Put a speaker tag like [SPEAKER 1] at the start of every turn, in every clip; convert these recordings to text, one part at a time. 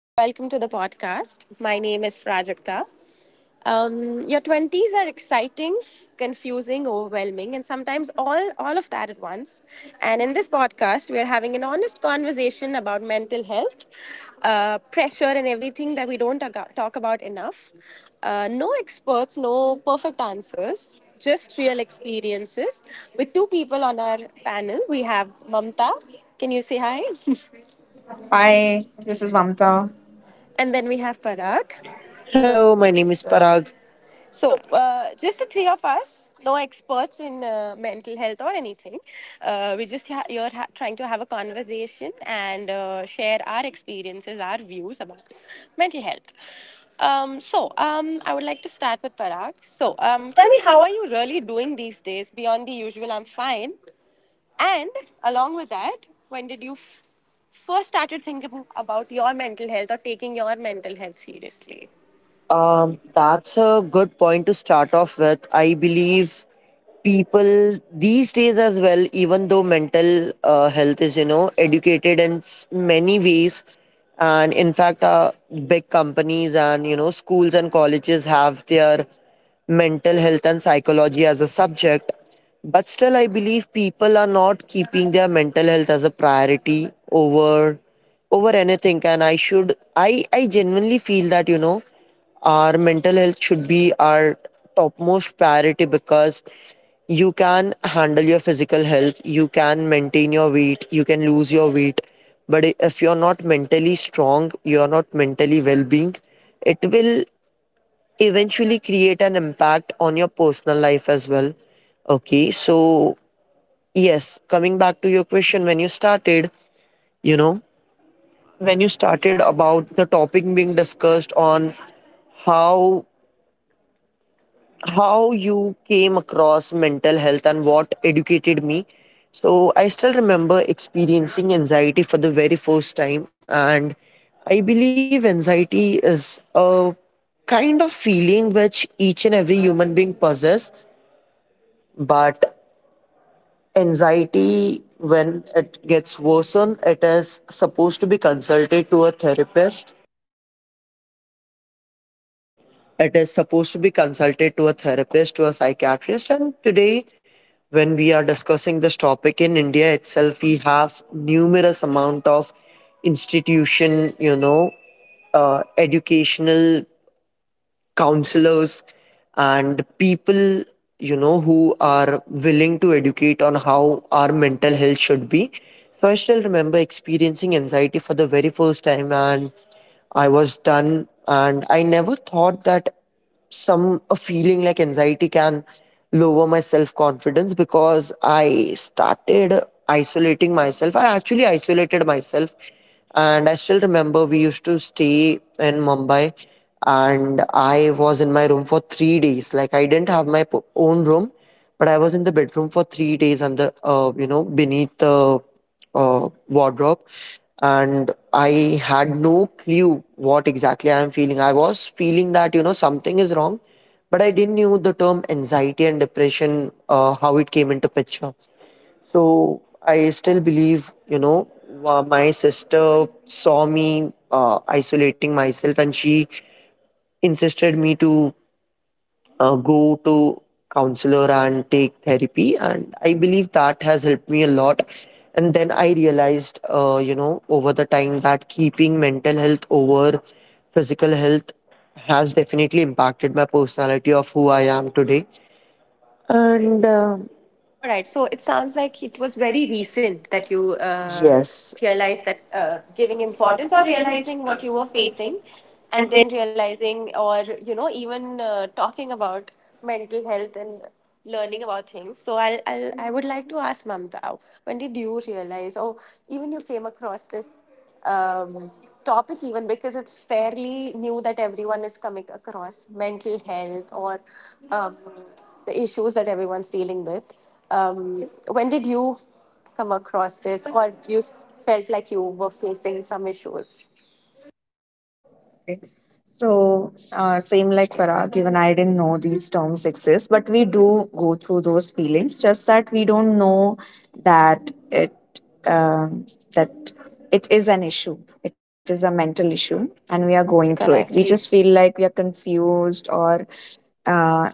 [SPEAKER 1] Welcome to the podcast. My name is Prajakta. Your 20s are exciting, confusing, overwhelming, and sometimes all of that at once. And in this podcast, we are having an honest conversation about mental health, pressure, and everything that we don't talk about enough. No experts, no perfect answers, just real experiences. With two people on our panel, we have Mamta. Can you say hi?
[SPEAKER 2] Hi, this
[SPEAKER 1] This
[SPEAKER 2] is
[SPEAKER 1] is
[SPEAKER 2] Mamta.
[SPEAKER 1] Mamta. And then we have Parag.
[SPEAKER 3] Hello,
[SPEAKER 1] Hello, my
[SPEAKER 3] my name
[SPEAKER 1] name
[SPEAKER 3] is
[SPEAKER 1] is Parag.
[SPEAKER 3] Parag.
[SPEAKER 1] So, just the three of us, no experts in mental health or anything. You're trying to have a conversation and share our experiences, our views about mental health. So, I would like to start with Parag. So, tell me, how are you really doing these days beyond the usual? I'm fine. And along with that, when did you first started thinking about your mental health or taking your mental health seriously? That
[SPEAKER 3] That's a good point to start off with. I believe people these days as well, even though mental health is, you know, educated in many ways, and in fact, big companies and, you know, schools and colleges have their mental health and psychology as a subject. But still I believe people are not keeping their mental health as a priority over anything. And I should I genuinely feel that, you know, our mental health should be our topmost priority, because you can handle your physical health, you can maintain your weight, you can lose your weight, but if you're not mentally strong, you're not mentally well-being, it will eventually create an impact on your personal life as well. Okay, so yes, coming back to your question, when you started, you know, when you started about the topic being discussed on how you came across mental health and what educated me. So, I still remember experiencing anxiety for the very first time, and I believe anxiety is a kind of feeling which each and every human being possesses. But anxiety, when it gets worsened, it is supposed to be consulted to a therapist. It is supposed to be consulted to a therapist, to a psychiatrist. And today, when we are discussing this topic in India itself, we have numerous amount of institution, you know, educational counselors and people, you know, who are willing to educate on how our mental health should be. So I still remember experiencing anxiety for the very first time, and I was done, and I never thought that some a feeling like anxiety can lower my self confidence, because I started isolating myself. I actually isolated myself, and I still remember we used to stay in Mumbai, and I was in my room for 3 days. Like I didn't have my own room, but I was in the bedroom for 3 days under, you know, beneath the wardrobe, and I had no clue what exactly I am feeling. I was feeling that, you know, something is wrong, but I didn't knew the term anxiety and depression, how it came into picture. So I still believe, you know, my sister saw me isolating myself, and she insisted me to go to counselor and take therapy, and I believe that has helped me a lot. And then I realized, you know, over the time, that keeping mental health over physical health has definitely impacted my personality of who I am today. And
[SPEAKER 1] All right. So it sounds like it was very recent that you
[SPEAKER 3] yes
[SPEAKER 1] realized that, giving importance or realizing what you were facing, and then realizing or even talking about mental health and learning about things. So I would like to ask Mamta, when did you realize or even you came across this um, topic even, because it's fairly new that everyone is coming across mental health or um, the issues that everyone's dealing with. When did you come across this, or you felt like you were facing some issues
[SPEAKER 2] So, same like Parag, even I didn't know these terms exist, but we do go through those feelings. Just that we don't know that it um, that it is an issue. It is a mental issue, and we are
[SPEAKER 1] through it?
[SPEAKER 2] going through it.
[SPEAKER 1] Correct.
[SPEAKER 2] We just feel like we are confused or uh,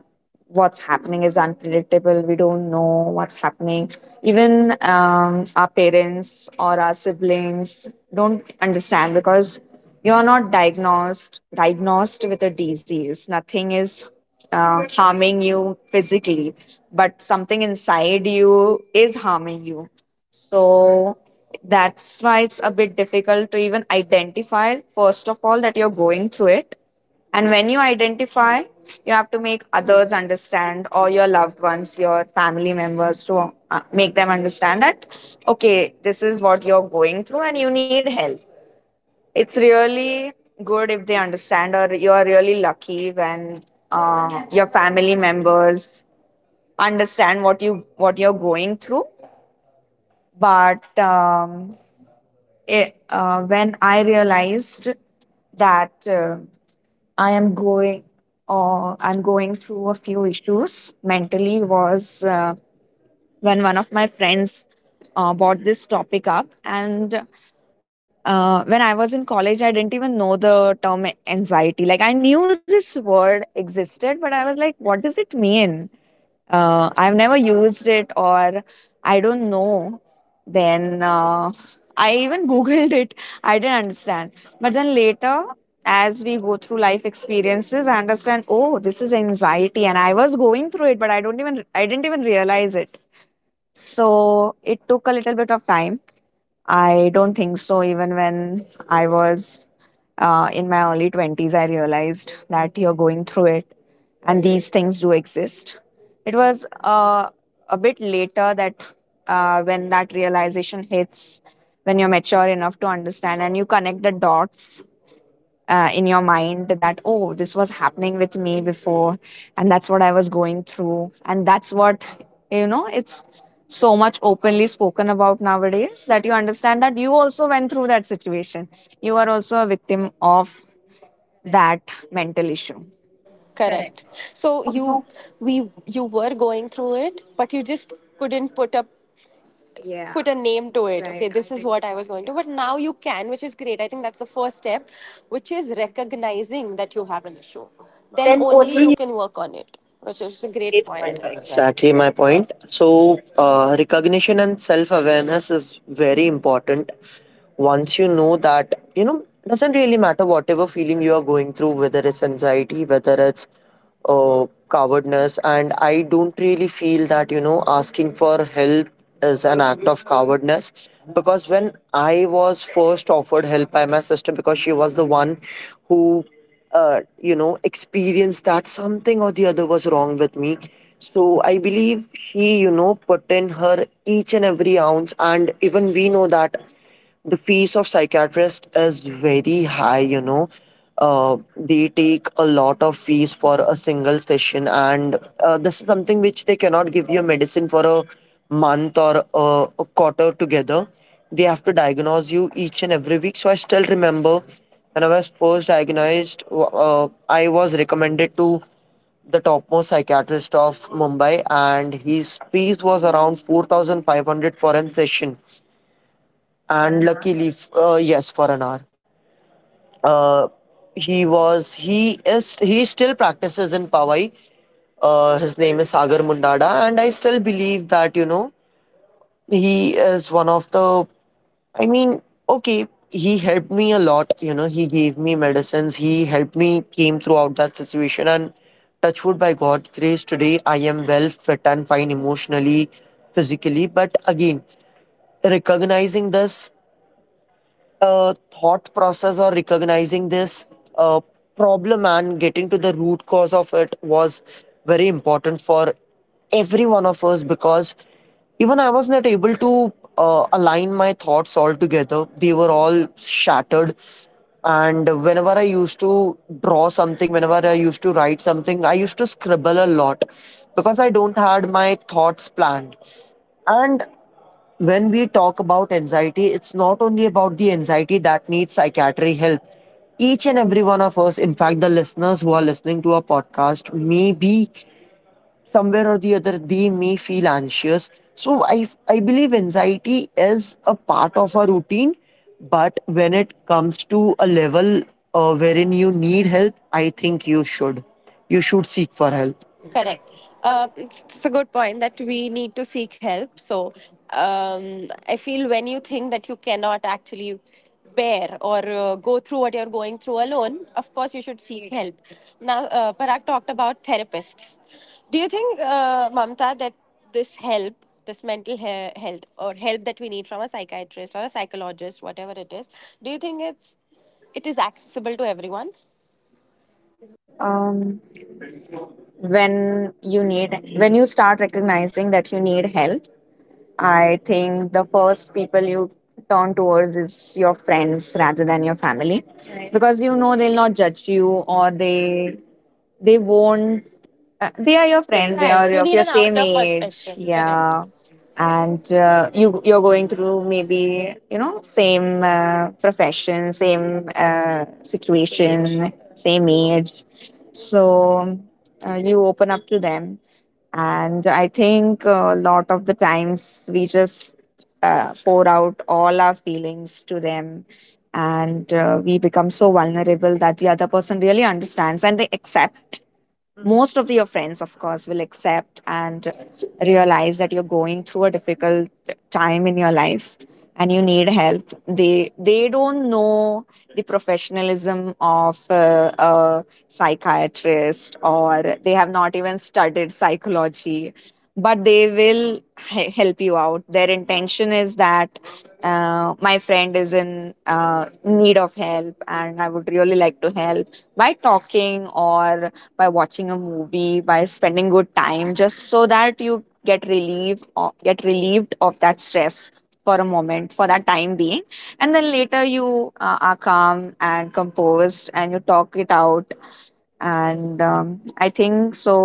[SPEAKER 2] what's happening is unpredictable. We don't know what's happening. Even our parents or our siblings don't understand because you're not diagnosed with a disease. Nothing is harming you physically, but something inside you is harming you. So that's why it's a bit difficult to even identify first of all that you're going through it, and when you identify, you have to make others understand, or your loved ones, your family members, to make them understand that, okay, this is what you're going through and you need help. It's really good if they understand, or you're really lucky when your family members understand what you're going through. But when I realized that I am going I'm going through a few issues mentally was when one of my friends brought this topic up. And when I was in college, I didn't even know the term anxiety. Like, I knew this word existed, but I was like, what does it mean? I've never used it, or I don't know, then I even Googled it. I didn't understand. But then later, as we go through life experiences, I understand, oh, this is anxiety. And I was going through it, but I didn't even realize it. So it took a little bit of time. I don't think so. Even when I was in my early 20s, I realized that you're going through it and these things do exist. It was a bit later that when that realization hits, when you're mature enough to understand and you connect the dots in your mind, that oh, this was happening with me before, and that's what I was going through, and that's what, you know, it's so much openly spoken about nowadays, that you understand that you also went through that situation, you are also a victim of that mental issue.
[SPEAKER 1] Correct. So you were going through it, but you just couldn't put up yeah, put a name to it. Right. Okay, this is what I was going to. But now you can, which is great. I think that's the first step, which is recognizing that you have an issue. Then only you can work on it, which is a great point.
[SPEAKER 3] Exactly my point. So recognition and self awareness is very important. Once you know that, you know, doesn't really matter whatever feeling you are going through, whether it's anxiety, whether it's uh, cowardness. And I don't really feel that, you know, asking for help is an act of cowardness, because when I was first offered help by my sister, because she was the one who you know, experienced that something or the other was wrong with me. So I believe she, you know, put in her each and every ounce. And even we know that the fees of psychiatrist is very high, you know. They take a lot of fees for a single session. And this is something which they cannot give you medicine for a month or a quarter together. They have to diagnose you each and every week. So I still remember when I was first diagnosed, I was recommended to the topmost psychiatrist of Mumbai, and his fees was around 4500 for a session. And luckily, yes, for an hour. uh, he was, he is, he still practices in Pawai. His name is Sagar Mundada, and I still believe that, you know, he is one of the, I mean, okay, he helped me a lot, you know. He gave me medicines, he helped me came throughout that situation. And touch wood, by God's grace, today I am well fit and fine emotionally, physically. But again, recognizing this thought process, or recognizing this uh, problem and getting to the root cause of it was very important for every one of us, because even I was not able to align my thoughts all together. They were all shattered. And whenever I used to draw something, whenever I used to write something, I used to scribble a lot, because I don't had my thoughts planned. And when we talk about anxiety, it's not only about the anxiety that needs psychiatric help. Each and every one of us, in fact, the listeners who are listening to our podcast, may be somewhere or the other, they may feel anxious. So I believe anxiety is a part of our routine, but when it comes to a level wherein you need help, I think you should. You should seek for help.
[SPEAKER 1] Correct. It's a good point that we need to seek help. So, I feel when you think that you cannot actually bear or go through what you're going through alone, of course you should seek help. Now, Parag talked about therapists. Do you think, Mamta, that this help, this mental health or help that we need from a psychiatrist or a psychologist, whatever it is, do you think it is accessible to everyone?
[SPEAKER 2] um, when you need when you start recognizing that you need help, I think the first people you turn towards is your friends rather than your family, because you know they'll not judge you, or they won't, they are your
[SPEAKER 1] Friends.
[SPEAKER 2] friends. They
[SPEAKER 1] Right.
[SPEAKER 2] are
[SPEAKER 1] You
[SPEAKER 2] of
[SPEAKER 1] need
[SPEAKER 2] your
[SPEAKER 1] an outer
[SPEAKER 2] same age.
[SPEAKER 1] perspective. Yeah. Correct.
[SPEAKER 2] Yeah, and
[SPEAKER 1] And you
[SPEAKER 2] you, you're
[SPEAKER 1] you're
[SPEAKER 2] going
[SPEAKER 1] going
[SPEAKER 2] through
[SPEAKER 1] to maybe.
[SPEAKER 2] maybe, you know, same profession, same situation, same age. So you open up to them, and I think a lot of the times we just pour out all our feelings to them. And we become so vulnerable that the other person really understands and they accept. Most of your friends, of course, will accept and realize that you're going through a difficult time in your life and you need help. They don't know the professionalism of a psychiatrist, or they have not even studied psychology, but they will help you out. Their intention is that my friend is in need of help, and I would really like to help by talking, or by watching a movie, by spending good time, just so that you get relieved, or get relieved of that stress for a moment, for that time being. And then later you are calm and composed and you talk it out. And I think so,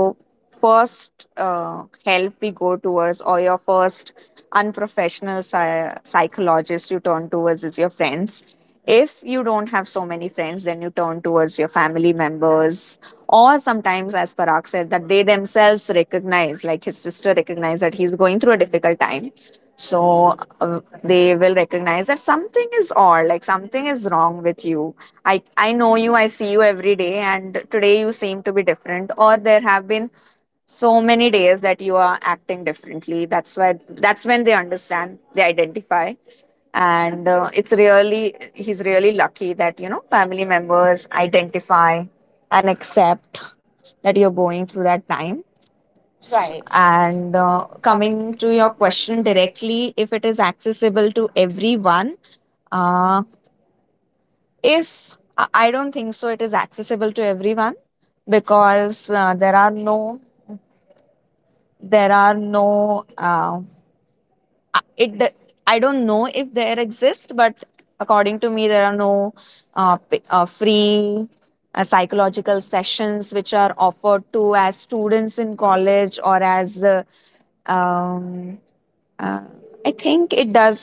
[SPEAKER 2] first help we go towards, or your first unprofessional psychologist you turn towards, is your friends. If you don't have so many friends, then you turn towards your family members, or sometimes, as Parag said, that they themselves recognize, like his sister recognized that he's going through a difficult time. So they will recognize that something is odd, like something is wrong with you. I know you, I see you every day, and today you seem to be different, or there have been so many days that you are acting differently. That's why, that's when they understand, they identify. And it's really, he's really lucky that, you know, family members identify and accept that you're going through that time. Right.
[SPEAKER 1] Right.
[SPEAKER 2] And
[SPEAKER 1] And
[SPEAKER 2] coming
[SPEAKER 1] coming to
[SPEAKER 2] to your
[SPEAKER 1] your
[SPEAKER 2] question
[SPEAKER 1] question
[SPEAKER 2] directly,
[SPEAKER 1] directly,
[SPEAKER 2] if it is accessible to everyone, uh, if I, I don't think so, it is accessible to everyone because there are no, I- it. d- I don't know if there exist, but according to me, there are no free psychological sessions which are offered to as students in college, or as um, Uh, I think it does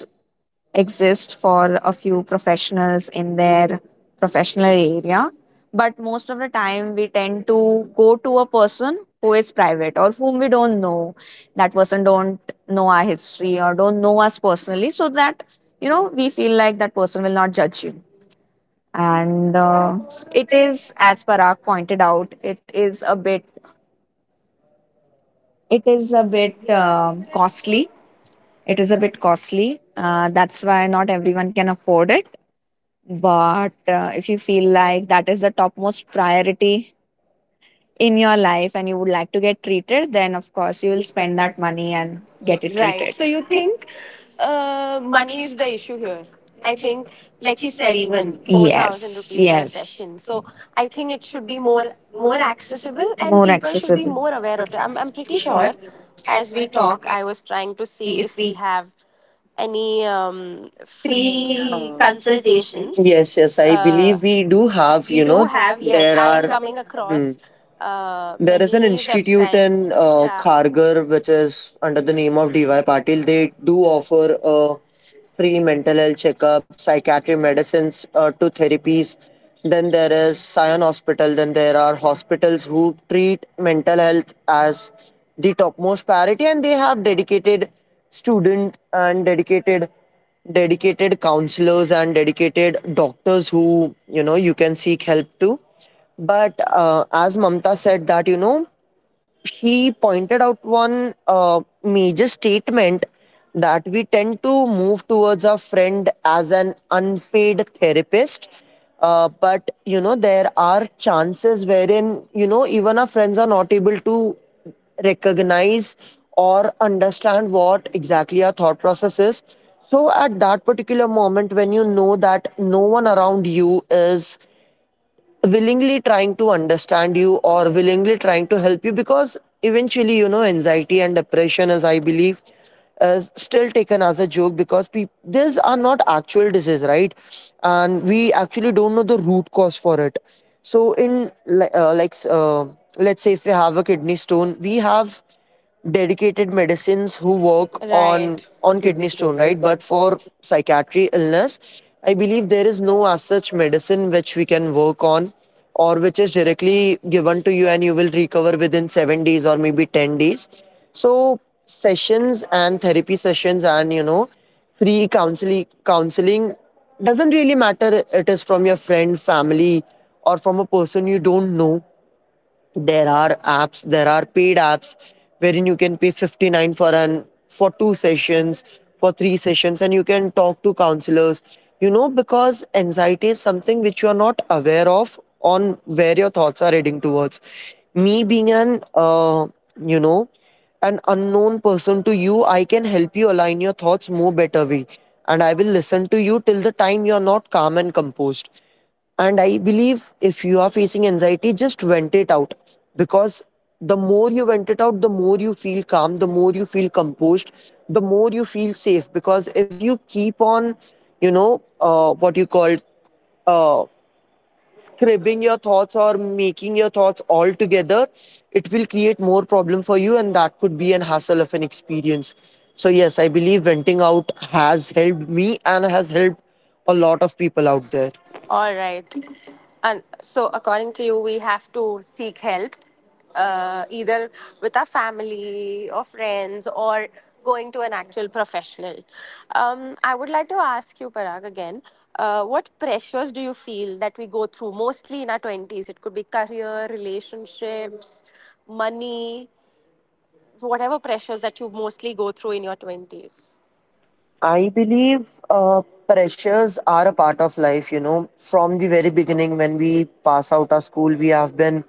[SPEAKER 2] exist for a few professionals in their professional area, but most of the time we tend to go to a person who is private, or whom we don't know. That person don't know our history or don't know us personally, so that, you know, we feel like that person will not judge you. And it is, as Parag pointed out, it
[SPEAKER 1] it
[SPEAKER 2] is
[SPEAKER 1] is
[SPEAKER 2] a
[SPEAKER 1] a
[SPEAKER 2] bit
[SPEAKER 1] bit
[SPEAKER 2] costly.
[SPEAKER 1] costly.
[SPEAKER 2] It
[SPEAKER 1] It
[SPEAKER 2] is
[SPEAKER 1] is
[SPEAKER 2] a
[SPEAKER 1] a
[SPEAKER 2] bit
[SPEAKER 1] bit
[SPEAKER 2] costly. That's why not everyone can afford it. But if you feel like that is the topmost priority in your life and you would like to get treated, then of course you
[SPEAKER 1] costly
[SPEAKER 2] will
[SPEAKER 1] to
[SPEAKER 2] spend
[SPEAKER 1] spend
[SPEAKER 2] that
[SPEAKER 1] that money
[SPEAKER 2] money
[SPEAKER 1] and
[SPEAKER 2] and get
[SPEAKER 1] get it.
[SPEAKER 2] it Right.
[SPEAKER 1] Right. So
[SPEAKER 2] treated.
[SPEAKER 1] you think money is the issue here? I think, like he said, even 4000
[SPEAKER 2] Yes,
[SPEAKER 1] rupees for a, yes,
[SPEAKER 2] yes.
[SPEAKER 1] session. So I think it should be more accessible, and
[SPEAKER 2] More ex-
[SPEAKER 1] people should be more aware of it. I'm pretty sure. As we talk, I was trying to see if we have any free consultations.
[SPEAKER 3] Yes,
[SPEAKER 1] Yes, yes,
[SPEAKER 3] yes,
[SPEAKER 1] I
[SPEAKER 3] I believe
[SPEAKER 1] Believe we
[SPEAKER 3] we
[SPEAKER 1] do
[SPEAKER 3] do
[SPEAKER 1] have.
[SPEAKER 3] have,
[SPEAKER 1] We you
[SPEAKER 3] you
[SPEAKER 1] do
[SPEAKER 3] know,
[SPEAKER 1] different have, yes,
[SPEAKER 3] there
[SPEAKER 1] I
[SPEAKER 3] are.
[SPEAKER 1] am coming
[SPEAKER 3] Hmm.
[SPEAKER 1] across there is an
[SPEAKER 3] There is an
[SPEAKER 1] many institute in
[SPEAKER 3] institute
[SPEAKER 1] websites.
[SPEAKER 3] in
[SPEAKER 1] Yeah. Kharghar
[SPEAKER 3] Kharghar which
[SPEAKER 1] which is
[SPEAKER 3] is under
[SPEAKER 1] under
[SPEAKER 3] the
[SPEAKER 1] the
[SPEAKER 3] name
[SPEAKER 1] name
[SPEAKER 3] of
[SPEAKER 1] of
[SPEAKER 3] DY
[SPEAKER 1] DY
[SPEAKER 3] Patil.
[SPEAKER 1] Patil. They
[SPEAKER 3] They
[SPEAKER 1] do
[SPEAKER 3] do
[SPEAKER 1] offer
[SPEAKER 3] offer
[SPEAKER 1] a
[SPEAKER 3] a free
[SPEAKER 1] free mental
[SPEAKER 3] mental health checkup, psychiatric medicines to therapies. Then there is Sion Hospital. Then there are hospitals who treat mental health as the topmost priority, and they have dedicated student and dedicated counselors and dedicated doctors who, you know, you can seek help to. But as Mamta said that, you know, she pointed out one major statement that we tend to move towards our friend as an unpaid therapist. But, you know, there are chances wherein, you know, even our friends are not able to recognize or understand what exactly our thought process is. So, at that particular moment, when you know that no one around you is willingly trying to understand you or willingly trying to help you, because eventually, you know, anxiety and depression, as I believe, is still taken as a joke, because peop these are not actual disease, right? And we actually don't know the root cause for it. So in like, let's say if we have a kidney stone, we have dedicated medicines who
[SPEAKER 1] work
[SPEAKER 3] work
[SPEAKER 1] on,
[SPEAKER 3] on
[SPEAKER 1] right, on kidney
[SPEAKER 3] kidney
[SPEAKER 1] stone,
[SPEAKER 3] stone,
[SPEAKER 1] right?
[SPEAKER 3] right?
[SPEAKER 1] But
[SPEAKER 3] But
[SPEAKER 1] for
[SPEAKER 3] for psychiatry illness, I believe there is no as such medicine which we can work on, or which is directly given to you and you will recover within 7 days or maybe 10 days. So sessions and therapy sessions and, you know, free counseling, counseling doesn't really matter. It is from your friend, family, or from a person you don't know. There are apps, there are paid apps wherein you can pay 59 for an for two sessions, for three sessions, and you can talk to counselors, you know. Because anxiety is something which you are not aware of, on where your thoughts are heading towards. Me being an you know, an unknown person to you, I can help you align your thoughts more better way, and I will listen to you till the time you are not calm and composed. And I believe, if you are facing anxiety, just vent it out. Because the more you vent it out, the more you feel calm, the more you feel composed, the more you feel safe. Because if you keep on, you know, what you call uh, scribbling your thoughts or making your thoughts all together, it will create more problem for you, and that could be an hassle of an experience. So yes, I believe venting out has helped me and has helped a lot of people out there.
[SPEAKER 1] all right. And so, according to you, we have to seek help either with our family or friends or going to an actual professional. I would like to ask you, Parag, again what pressures do you feel that we go through mostly in our 20s? It could be career, relationships, money, whatever pressures that you mostly go through in your 20s.
[SPEAKER 3] I believe pressures are a part of life, you know. From the very beginning, when we pass out our school, we have been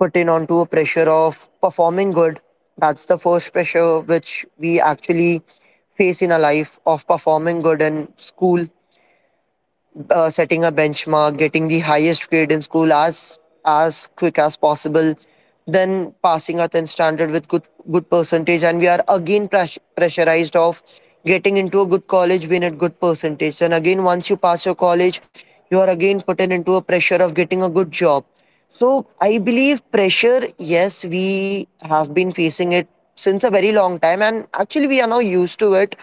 [SPEAKER 3] put in onto a pressure of performing good. That's the first pressure which we actually face in our life, of performing good in school, setting a benchmark, getting the highest grade in school as quick as possible. Then passing our 10th standard with good percentage, and we are again pressurized of getting into a good college, win at good percentage. And again, once you pass your college, you are again put in into a pressure of getting a good job. So I believe pressure, yes, we have been facing it since a very long time, and actually we are now used to it.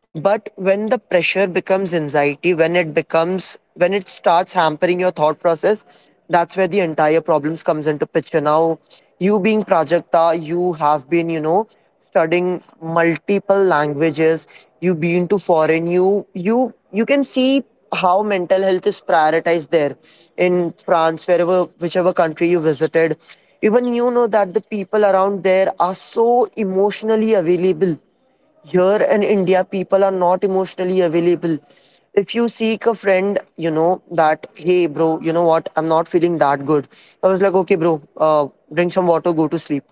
[SPEAKER 3] But when the pressure becomes anxiety, when it becomes, when it starts hampering your thought process, that's where the entire problems comes into picture. Now, you being Prajakta, you have been, you know, studying multiple languages, you've been to foreign, you can see how mental health is prioritized there. In France, wherever, whichever country you visited, even you know that the people around there are so emotionally available. Here in India, people are not emotionally available. If you seek a friend, you know that, hey, bro, you know what? I'm not feeling that good. I was like, okay, bro, drink some water, go to sleep.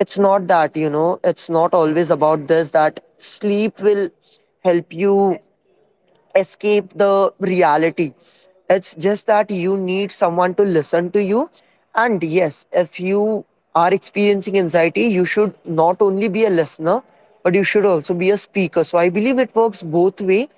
[SPEAKER 3] It's not that, you know, it's not always about this, that sleep will help you escape the reality. It's just that you need someone to listen to you. And yes, if you are experiencing anxiety, you should not only be a listener, but you should also be a speaker. So I believe it works both way.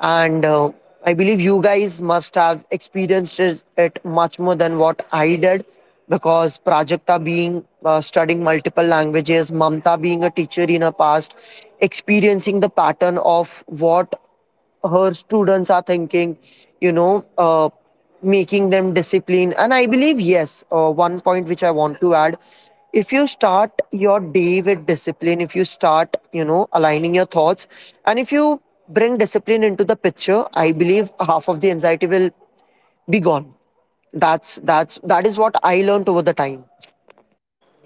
[SPEAKER 3] And I believe you guys must have experienced it much more than what I did, because Prajakta being studying multiple languages, Mamta being a teacher in her past, experiencing the pattern of what her students are thinking, you know, making them discipline. And I believe, yes, one point which I want to add: if you start your day with discipline, if you start, you know, aligning your thoughts, and if you bring discipline into the picture, I believe half of the anxiety will be gone. That is what I learned over the time.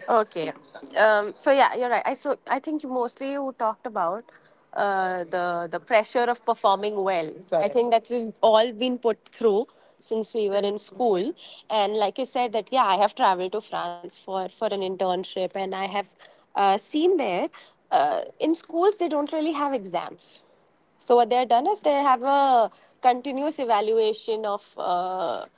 [SPEAKER 1] Okay. So yeah, you're right. I so I think you talked about the pressure of performing well. I, correct, think that we've all been put through since we were in school. And like you said, that yeah, I have traveled to France for an internship, and I have seen there, in schools they don't really have exams, so what they are done is they have a continuous evaluation of uh,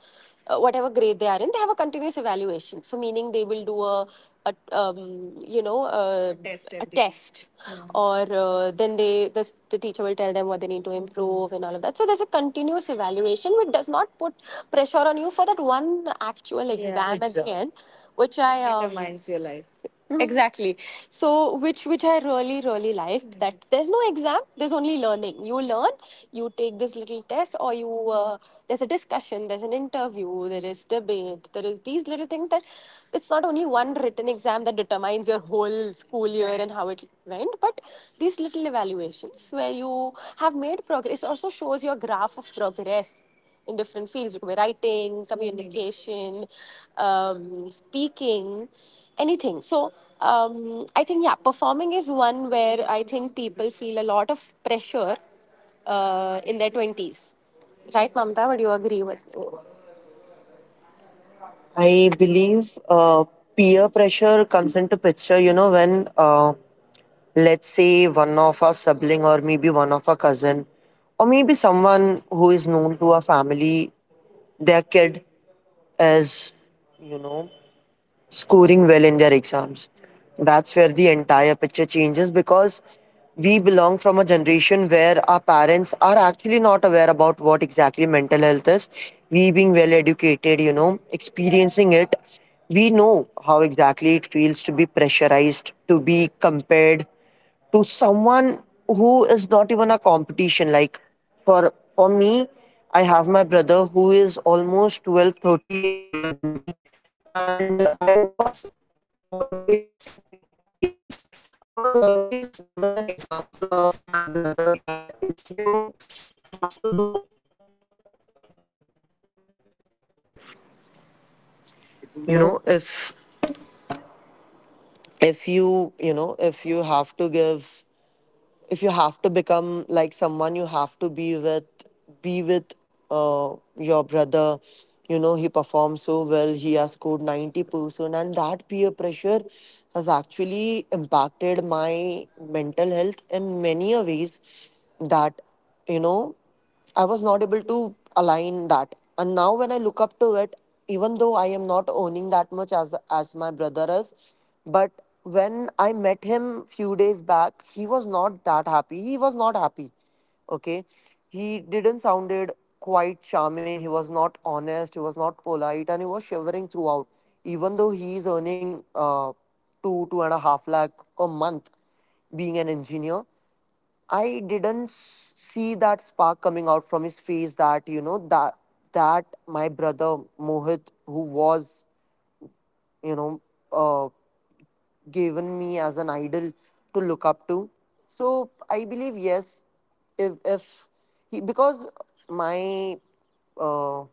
[SPEAKER 1] uh, whatever grade they are in. They have a continuous evaluation. So meaning they will do a test, a test. Mhm. Or then they the teacher will tell them what they need to improve and all of that. So there's a continuous evaluation which does not put pressure on you for that one actual, yeah, exam, yeah, at the, exam, end, which I determines your life exactly, so which I really really liked, that there's no exam, there's only learning. You learn, you take this little test or you there's a discussion, there's an interview, there is debate, there is these little things, that it's not only one written exam that determines your whole school year and how it went, but these little evaluations where you have made progress, it also shows your graph of progress in different fields. It could be writing, communication, speaking, anything. So, I think, yeah, performing is one where I think people feel a lot of pressure in their 20s. Right, Mamta? Would you agree with me?
[SPEAKER 3] I
[SPEAKER 1] I believe,
[SPEAKER 3] believe peer pressure comes into picture, you know, when let's say one of our sibling, or maybe one of our cousin, or maybe someone who is known to our family, their kid is, you know, scoring well in their exams. That's where the entire picture changes, because we belong from a generation where our parents are actually not aware about what exactly mental health is. We being well educated, you know, experiencing it, we know how exactly it feels to be pressurized, to be compared to someone who is not even a competition. Like, for me, I have my brother who is almost 12, 13 years older than me. And I was always, yes, I was always given an example of my brother, that if you have to do, you
[SPEAKER 1] you know
[SPEAKER 3] know, if
[SPEAKER 1] if if you, you know if you have to give, if you have to become like someone, you have to be with uh, your brother. He performs so well, he has scored 90% and that peer pressure has actually impacted my mental health in many a ways, that you know I was not able to align that. And now when I look up to it, even though I am not owning that much as my brother is, but when I met him few days back, he was not that happy. He was not happy. Okay. He didn't sounded quite charming. He was not honest. He was not polite and he was shivering throughout. Even though he is earning two, two and a half lakh a month being an engineer, I didn't see that spark coming out from his face, that that my brother Mohit who was you know uh, given me as an idol to look up to. So I believe, yes, if he, because my uh,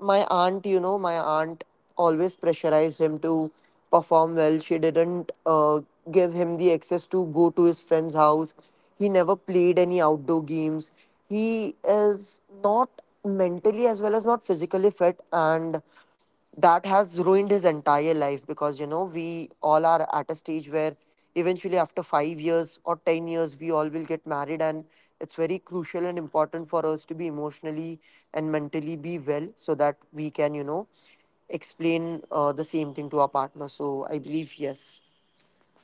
[SPEAKER 1] my aunt always pressurized him to perform well. She didn't give him the access to go to his friend's house. He never played any outdoor games. He is not mentally as well as not physically fit, and that has ruined his entire life, because we all are at a stage where eventually after 5 years or 10 years we all will get married, and it's very crucial and important for us to be emotionally and mentally be well so that we can explain the same thing to our partner. So I believe, yes.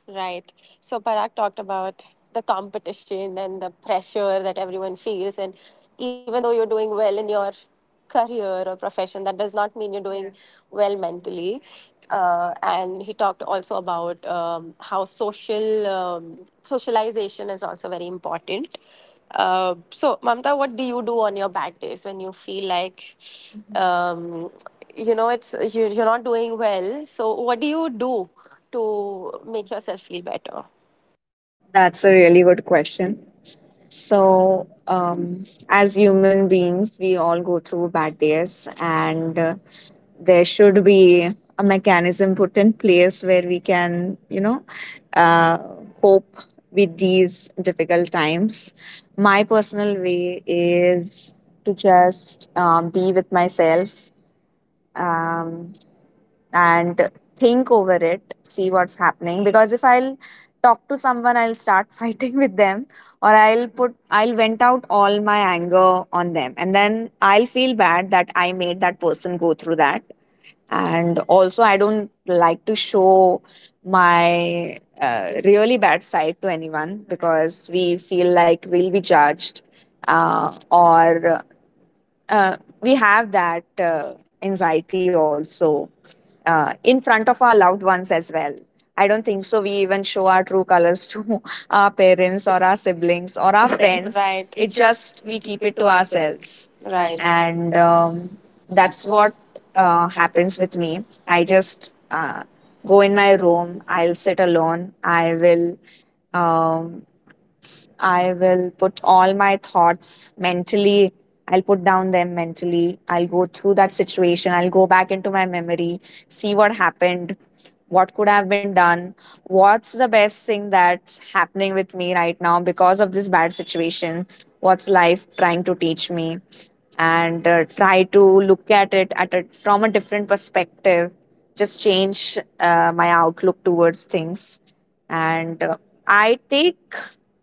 [SPEAKER 1] Right. So Parag talked about the competition and the pressure that everyone feels, and even though you're doing well in your career or profession, that does not mean you're doing, yeah, well mentally. And he talked also about, how socialization is also very important. So Mamta, what do you do on your bad days when you feel like, mhm, it's you're not doing well? So what do you do to make yourself feel better?
[SPEAKER 2] That's a really good question. So, as human beings, we all go through bad days, and there should be a mechanism put in place where we can, you know, uh, cope with these difficult times. My personal way is to just be with myself. Um, and think over it, see what's happening. Because if I'll talk to someone, I'll start fighting with them, or I'll vent out all my anger on them, and then I'll feel bad that I made that person go through that. And also, I don't like to show my really bad side to anyone, because we feel like we'll be judged, or we have that anxiety also in front of our loved ones as well. I don't think so we even show our true colors to our parents or our siblings
[SPEAKER 1] Or
[SPEAKER 2] or
[SPEAKER 1] our
[SPEAKER 2] our
[SPEAKER 1] friends.
[SPEAKER 2] friends.
[SPEAKER 1] Right. It
[SPEAKER 2] It
[SPEAKER 1] just
[SPEAKER 2] just
[SPEAKER 1] we
[SPEAKER 2] we
[SPEAKER 1] keep
[SPEAKER 2] keep
[SPEAKER 1] it
[SPEAKER 2] it
[SPEAKER 1] to
[SPEAKER 2] to
[SPEAKER 1] ourselves,
[SPEAKER 2] ourselves,
[SPEAKER 1] right. and
[SPEAKER 2] and
[SPEAKER 1] um, that's
[SPEAKER 2] that's
[SPEAKER 1] what
[SPEAKER 2] what
[SPEAKER 1] happens
[SPEAKER 2] happens
[SPEAKER 1] with
[SPEAKER 2] with me.
[SPEAKER 1] me. I
[SPEAKER 2] I
[SPEAKER 1] just
[SPEAKER 2] just go
[SPEAKER 1] go in
[SPEAKER 2] in
[SPEAKER 1] my
[SPEAKER 2] my room.
[SPEAKER 1] room.
[SPEAKER 2] I'll
[SPEAKER 1] I'll sit
[SPEAKER 2] sit alone. Um, I will put all my thoughts mentally. I'll put down them mentally. I'll go through that situation. I'll go back into my memory, see what happened, what could have been done, what's the best thing that's happening with me right now because of this bad situation, what's life trying to teach me, and try to look at it at a, from a different perspective. Just change my outlook towards things. And I take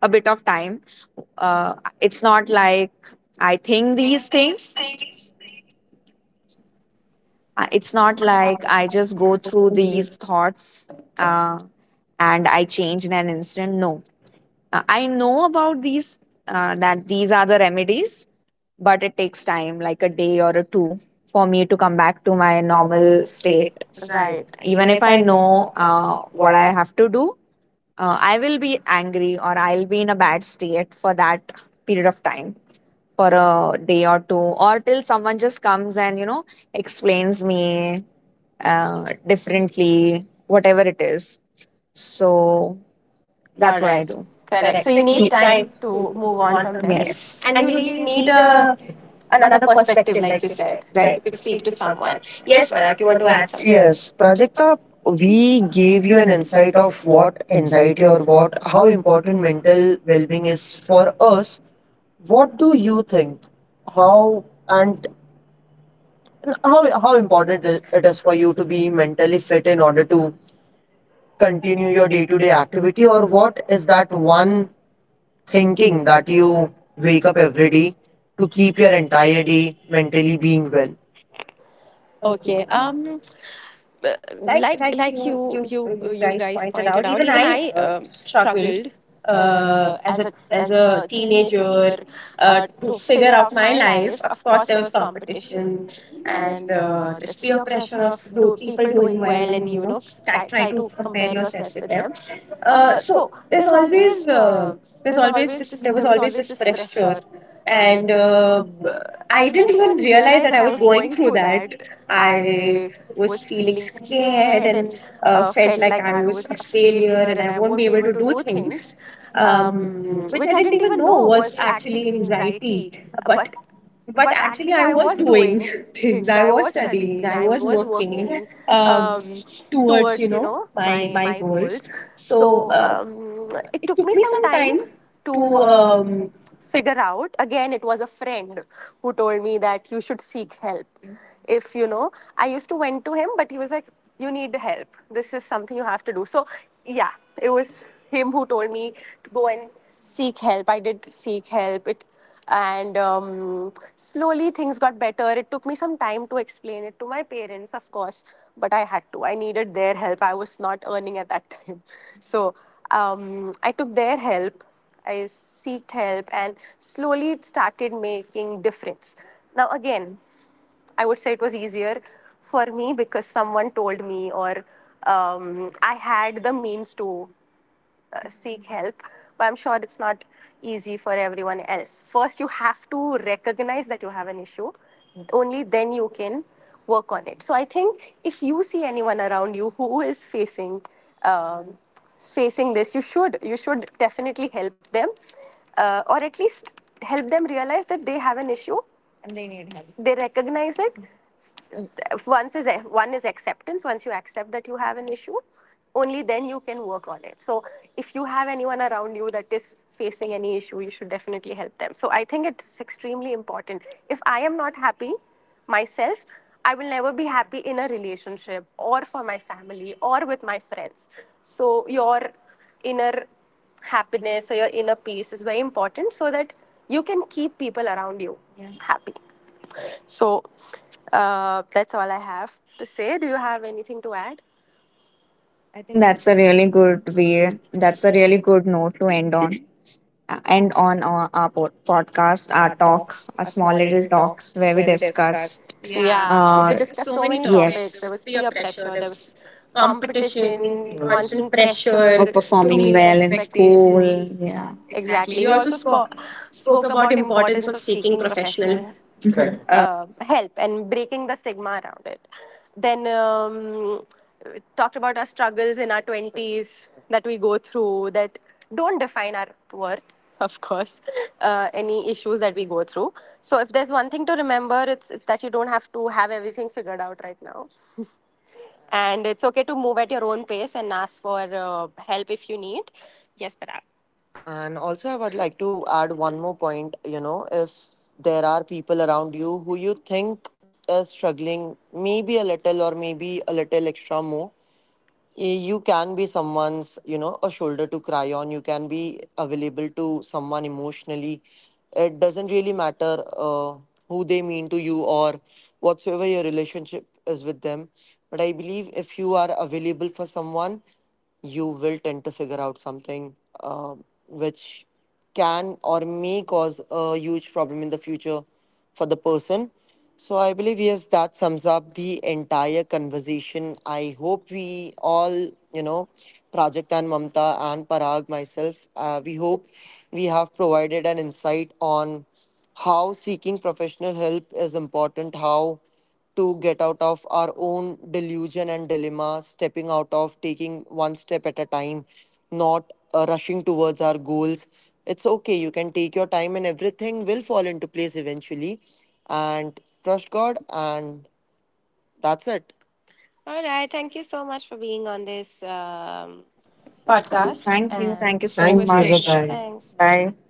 [SPEAKER 2] a bit of time. Uh, it's not like I think these things It's not like I just go through these thoughts uh, and I change in an instant. No. I know about these, that these are the remedies, but it takes time, like a day or a two, for me to come back to my
[SPEAKER 1] in my
[SPEAKER 2] normal
[SPEAKER 1] normal state.
[SPEAKER 2] state,
[SPEAKER 1] Right. Even
[SPEAKER 2] even if
[SPEAKER 1] if
[SPEAKER 2] I
[SPEAKER 1] I
[SPEAKER 2] know
[SPEAKER 1] know
[SPEAKER 2] what
[SPEAKER 1] what
[SPEAKER 2] I
[SPEAKER 1] I.
[SPEAKER 2] have to do. I will be angry or I'll be in a bad state for that period of time, for a day or two, or till someone just comes and, you know, explains me differently, whatever it is. So
[SPEAKER 1] That's
[SPEAKER 2] that's
[SPEAKER 1] all right. What
[SPEAKER 2] what I
[SPEAKER 1] I, right,
[SPEAKER 2] Correct.
[SPEAKER 1] do.
[SPEAKER 2] do.
[SPEAKER 1] Correct. So you need time to move on from them. Yes.
[SPEAKER 2] Yes,
[SPEAKER 1] And you need a another perspective, like you said. Right.
[SPEAKER 2] right.
[SPEAKER 1] You could speak to someone. Yes, Barak, you want to add something? Yes.
[SPEAKER 2] Yes,
[SPEAKER 3] Yes,
[SPEAKER 2] Prajakta,
[SPEAKER 3] Prajakta,
[SPEAKER 2] we
[SPEAKER 3] we
[SPEAKER 2] gave
[SPEAKER 3] gave
[SPEAKER 2] you
[SPEAKER 3] you
[SPEAKER 2] an
[SPEAKER 3] an
[SPEAKER 2] insight
[SPEAKER 3] insight
[SPEAKER 2] of
[SPEAKER 3] of
[SPEAKER 2] what
[SPEAKER 3] what
[SPEAKER 2] anxiety,
[SPEAKER 3] anxiety
[SPEAKER 2] or
[SPEAKER 3] or
[SPEAKER 2] what,
[SPEAKER 3] what,
[SPEAKER 2] how
[SPEAKER 3] how
[SPEAKER 2] important
[SPEAKER 3] important
[SPEAKER 2] mental
[SPEAKER 3] mental
[SPEAKER 2] well-being
[SPEAKER 3] well-being
[SPEAKER 2] is
[SPEAKER 3] is
[SPEAKER 2] for
[SPEAKER 3] for
[SPEAKER 2] us.
[SPEAKER 3] us.
[SPEAKER 2] What
[SPEAKER 3] What
[SPEAKER 2] do
[SPEAKER 3] do
[SPEAKER 2] you
[SPEAKER 3] you
[SPEAKER 2] think?
[SPEAKER 3] think?
[SPEAKER 2] How
[SPEAKER 3] How and
[SPEAKER 2] and how,
[SPEAKER 3] how,
[SPEAKER 2] how
[SPEAKER 3] how
[SPEAKER 2] important
[SPEAKER 3] important it
[SPEAKER 2] it, it is
[SPEAKER 3] is
[SPEAKER 2] for
[SPEAKER 3] for
[SPEAKER 2] you
[SPEAKER 3] you
[SPEAKER 2] to
[SPEAKER 3] to
[SPEAKER 2] be
[SPEAKER 3] be
[SPEAKER 2] mentally
[SPEAKER 3] mentally
[SPEAKER 2] fit
[SPEAKER 3] fit
[SPEAKER 2] in
[SPEAKER 3] in
[SPEAKER 2] order
[SPEAKER 3] order
[SPEAKER 2] to
[SPEAKER 3] to continue
[SPEAKER 2] continue your
[SPEAKER 3] your
[SPEAKER 2] day-to-day
[SPEAKER 3] day-to-day
[SPEAKER 2] activity,
[SPEAKER 3] activity,
[SPEAKER 2] or
[SPEAKER 3] or
[SPEAKER 2] what
[SPEAKER 3] what
[SPEAKER 2] is
[SPEAKER 3] is
[SPEAKER 2] that
[SPEAKER 3] that
[SPEAKER 2] one
[SPEAKER 3] one
[SPEAKER 2] thinking
[SPEAKER 3] thinking
[SPEAKER 2] that
[SPEAKER 3] that
[SPEAKER 2] you
[SPEAKER 3] you
[SPEAKER 2] wake
[SPEAKER 3] wake
[SPEAKER 2] up
[SPEAKER 3] up
[SPEAKER 2] every
[SPEAKER 3] every
[SPEAKER 2] day
[SPEAKER 3] day
[SPEAKER 2] to
[SPEAKER 3] to
[SPEAKER 2] keep
[SPEAKER 3] keep your
[SPEAKER 2] your entire
[SPEAKER 3] entire
[SPEAKER 2] day
[SPEAKER 3] day
[SPEAKER 2] mentally
[SPEAKER 3] mentally
[SPEAKER 2] being
[SPEAKER 3] being
[SPEAKER 2] well?
[SPEAKER 3] well?
[SPEAKER 1] Okay. Like you guys pointed out, even I struggled as a teenager to figure out my life. Of course there was competition, and this peer pressure of people doing well, and try to compare yourself with them. So there's always uh, there's always this there was always this pressure, and I didn't even realize that I was going through that. I was feeling scared and felt like I was a failure and I won't be able to do things, which I didn't even know was actually anxiety. but but actually I was doing things. I was studying, I was working um, towards my my goals. So it took me some time to figure out, again it was a friend who told me that you should seek help. If I used to went to him, but he was like, you need help, this is something you have to do. So yeah, it was him who told me to go and seek help. I did seek help, it and slowly things got better. It took me some time to explain it to my parents, of course, but I had to. I needed their help, I was not earning at that time so I took their help, I seeked help, and slowly it started making difference. Now again, I would say it was easier for me because someone told me, or I had the means to seek help. But I'm sure it's not easy for everyone else. First you have to recognize that you have an issue, only then you can work on it. So I think if you see anyone around you who is facing um, facing this, you should definitely help them, or at least help them realize that they have an issue and they need help. They recognize it, once is one is acceptance. Once you accept that you have an issue, only then you can work on it. So if you have anyone around you that is facing any issue, you should definitely help them. So I think it's extremely important. If I am not happy myself, I will never be happy in a relationship or for my family or with my friends. So your inner happiness or your inner peace is very important so that you can keep people around you, yeah, happy. So that's all I have to say. Do you have anything to add?
[SPEAKER 2] I
[SPEAKER 1] I
[SPEAKER 2] think
[SPEAKER 1] think
[SPEAKER 2] that's
[SPEAKER 1] that's
[SPEAKER 2] a
[SPEAKER 1] a
[SPEAKER 2] really
[SPEAKER 1] really good
[SPEAKER 2] good way,
[SPEAKER 1] way.
[SPEAKER 2] that's
[SPEAKER 1] That's
[SPEAKER 2] a
[SPEAKER 1] a
[SPEAKER 2] really
[SPEAKER 1] really
[SPEAKER 2] good note to end on. And on our podcast,
[SPEAKER 1] best
[SPEAKER 2] our
[SPEAKER 1] our talk,
[SPEAKER 2] talk, a
[SPEAKER 1] a
[SPEAKER 2] small
[SPEAKER 1] small
[SPEAKER 2] little
[SPEAKER 1] little talk
[SPEAKER 2] talk where
[SPEAKER 1] where
[SPEAKER 2] we
[SPEAKER 1] we
[SPEAKER 2] discuss.
[SPEAKER 1] discussed. Yeah, we
[SPEAKER 2] Uh,
[SPEAKER 1] discussed so many topics, yes.
[SPEAKER 2] yes,
[SPEAKER 1] There was peer pressure, there was competition, yeah, constant
[SPEAKER 2] or
[SPEAKER 1] pressure. Perform to
[SPEAKER 2] performing
[SPEAKER 1] meet well,
[SPEAKER 2] well in school.
[SPEAKER 1] expectations. Yeah.
[SPEAKER 2] Yeah.
[SPEAKER 1] Exactly. We also spoke about importance of seeking professional
[SPEAKER 2] Correct.
[SPEAKER 1] help and breaking the stigma around it. Then talked about our struggles in our 20s that we go through, that don't define our worth, of course, any issues that we go through. So if there's one thing to remember, it's that you don't have to have everything figured out right now. And it's okay to move at your own pace and ask for help if you need. Yes, but and also, I would like to add one more point. You know, if there are people around you who you think is struggling, maybe a little or maybe a little extra more, eh, you can be someone's, you know, a shoulder to cry on. You can be available to someone emotionally, it doesn't really matter who they mean to you or whatsoever your relationship is with them. But I believe if you are available for someone, you will tend to figure out something which can or may cause a huge problem in the future for the person. So I believe, yes, that sums up the entire conversation. I hope we all, you know, Project and Mamta and Parag, myself, we hope we have provided an insight on how seeking professional help is important, how to get out of our own delusion and dilemma, stepping out of taking one step at a time, not rushing towards our goals. It's okay, you can take your time and everything will fall into place eventually. And trust God, and that's it. All right. Thank you so much for being on this podcast. Thank
[SPEAKER 2] Thank
[SPEAKER 1] you.
[SPEAKER 2] you.
[SPEAKER 1] And thank
[SPEAKER 2] Thank
[SPEAKER 1] you
[SPEAKER 2] you
[SPEAKER 1] so
[SPEAKER 2] so
[SPEAKER 1] it
[SPEAKER 2] Thank
[SPEAKER 1] was much
[SPEAKER 2] you.
[SPEAKER 1] great to-
[SPEAKER 2] Much.
[SPEAKER 1] bye.
[SPEAKER 2] Bye
[SPEAKER 1] Thanks.
[SPEAKER 2] bye. Bye.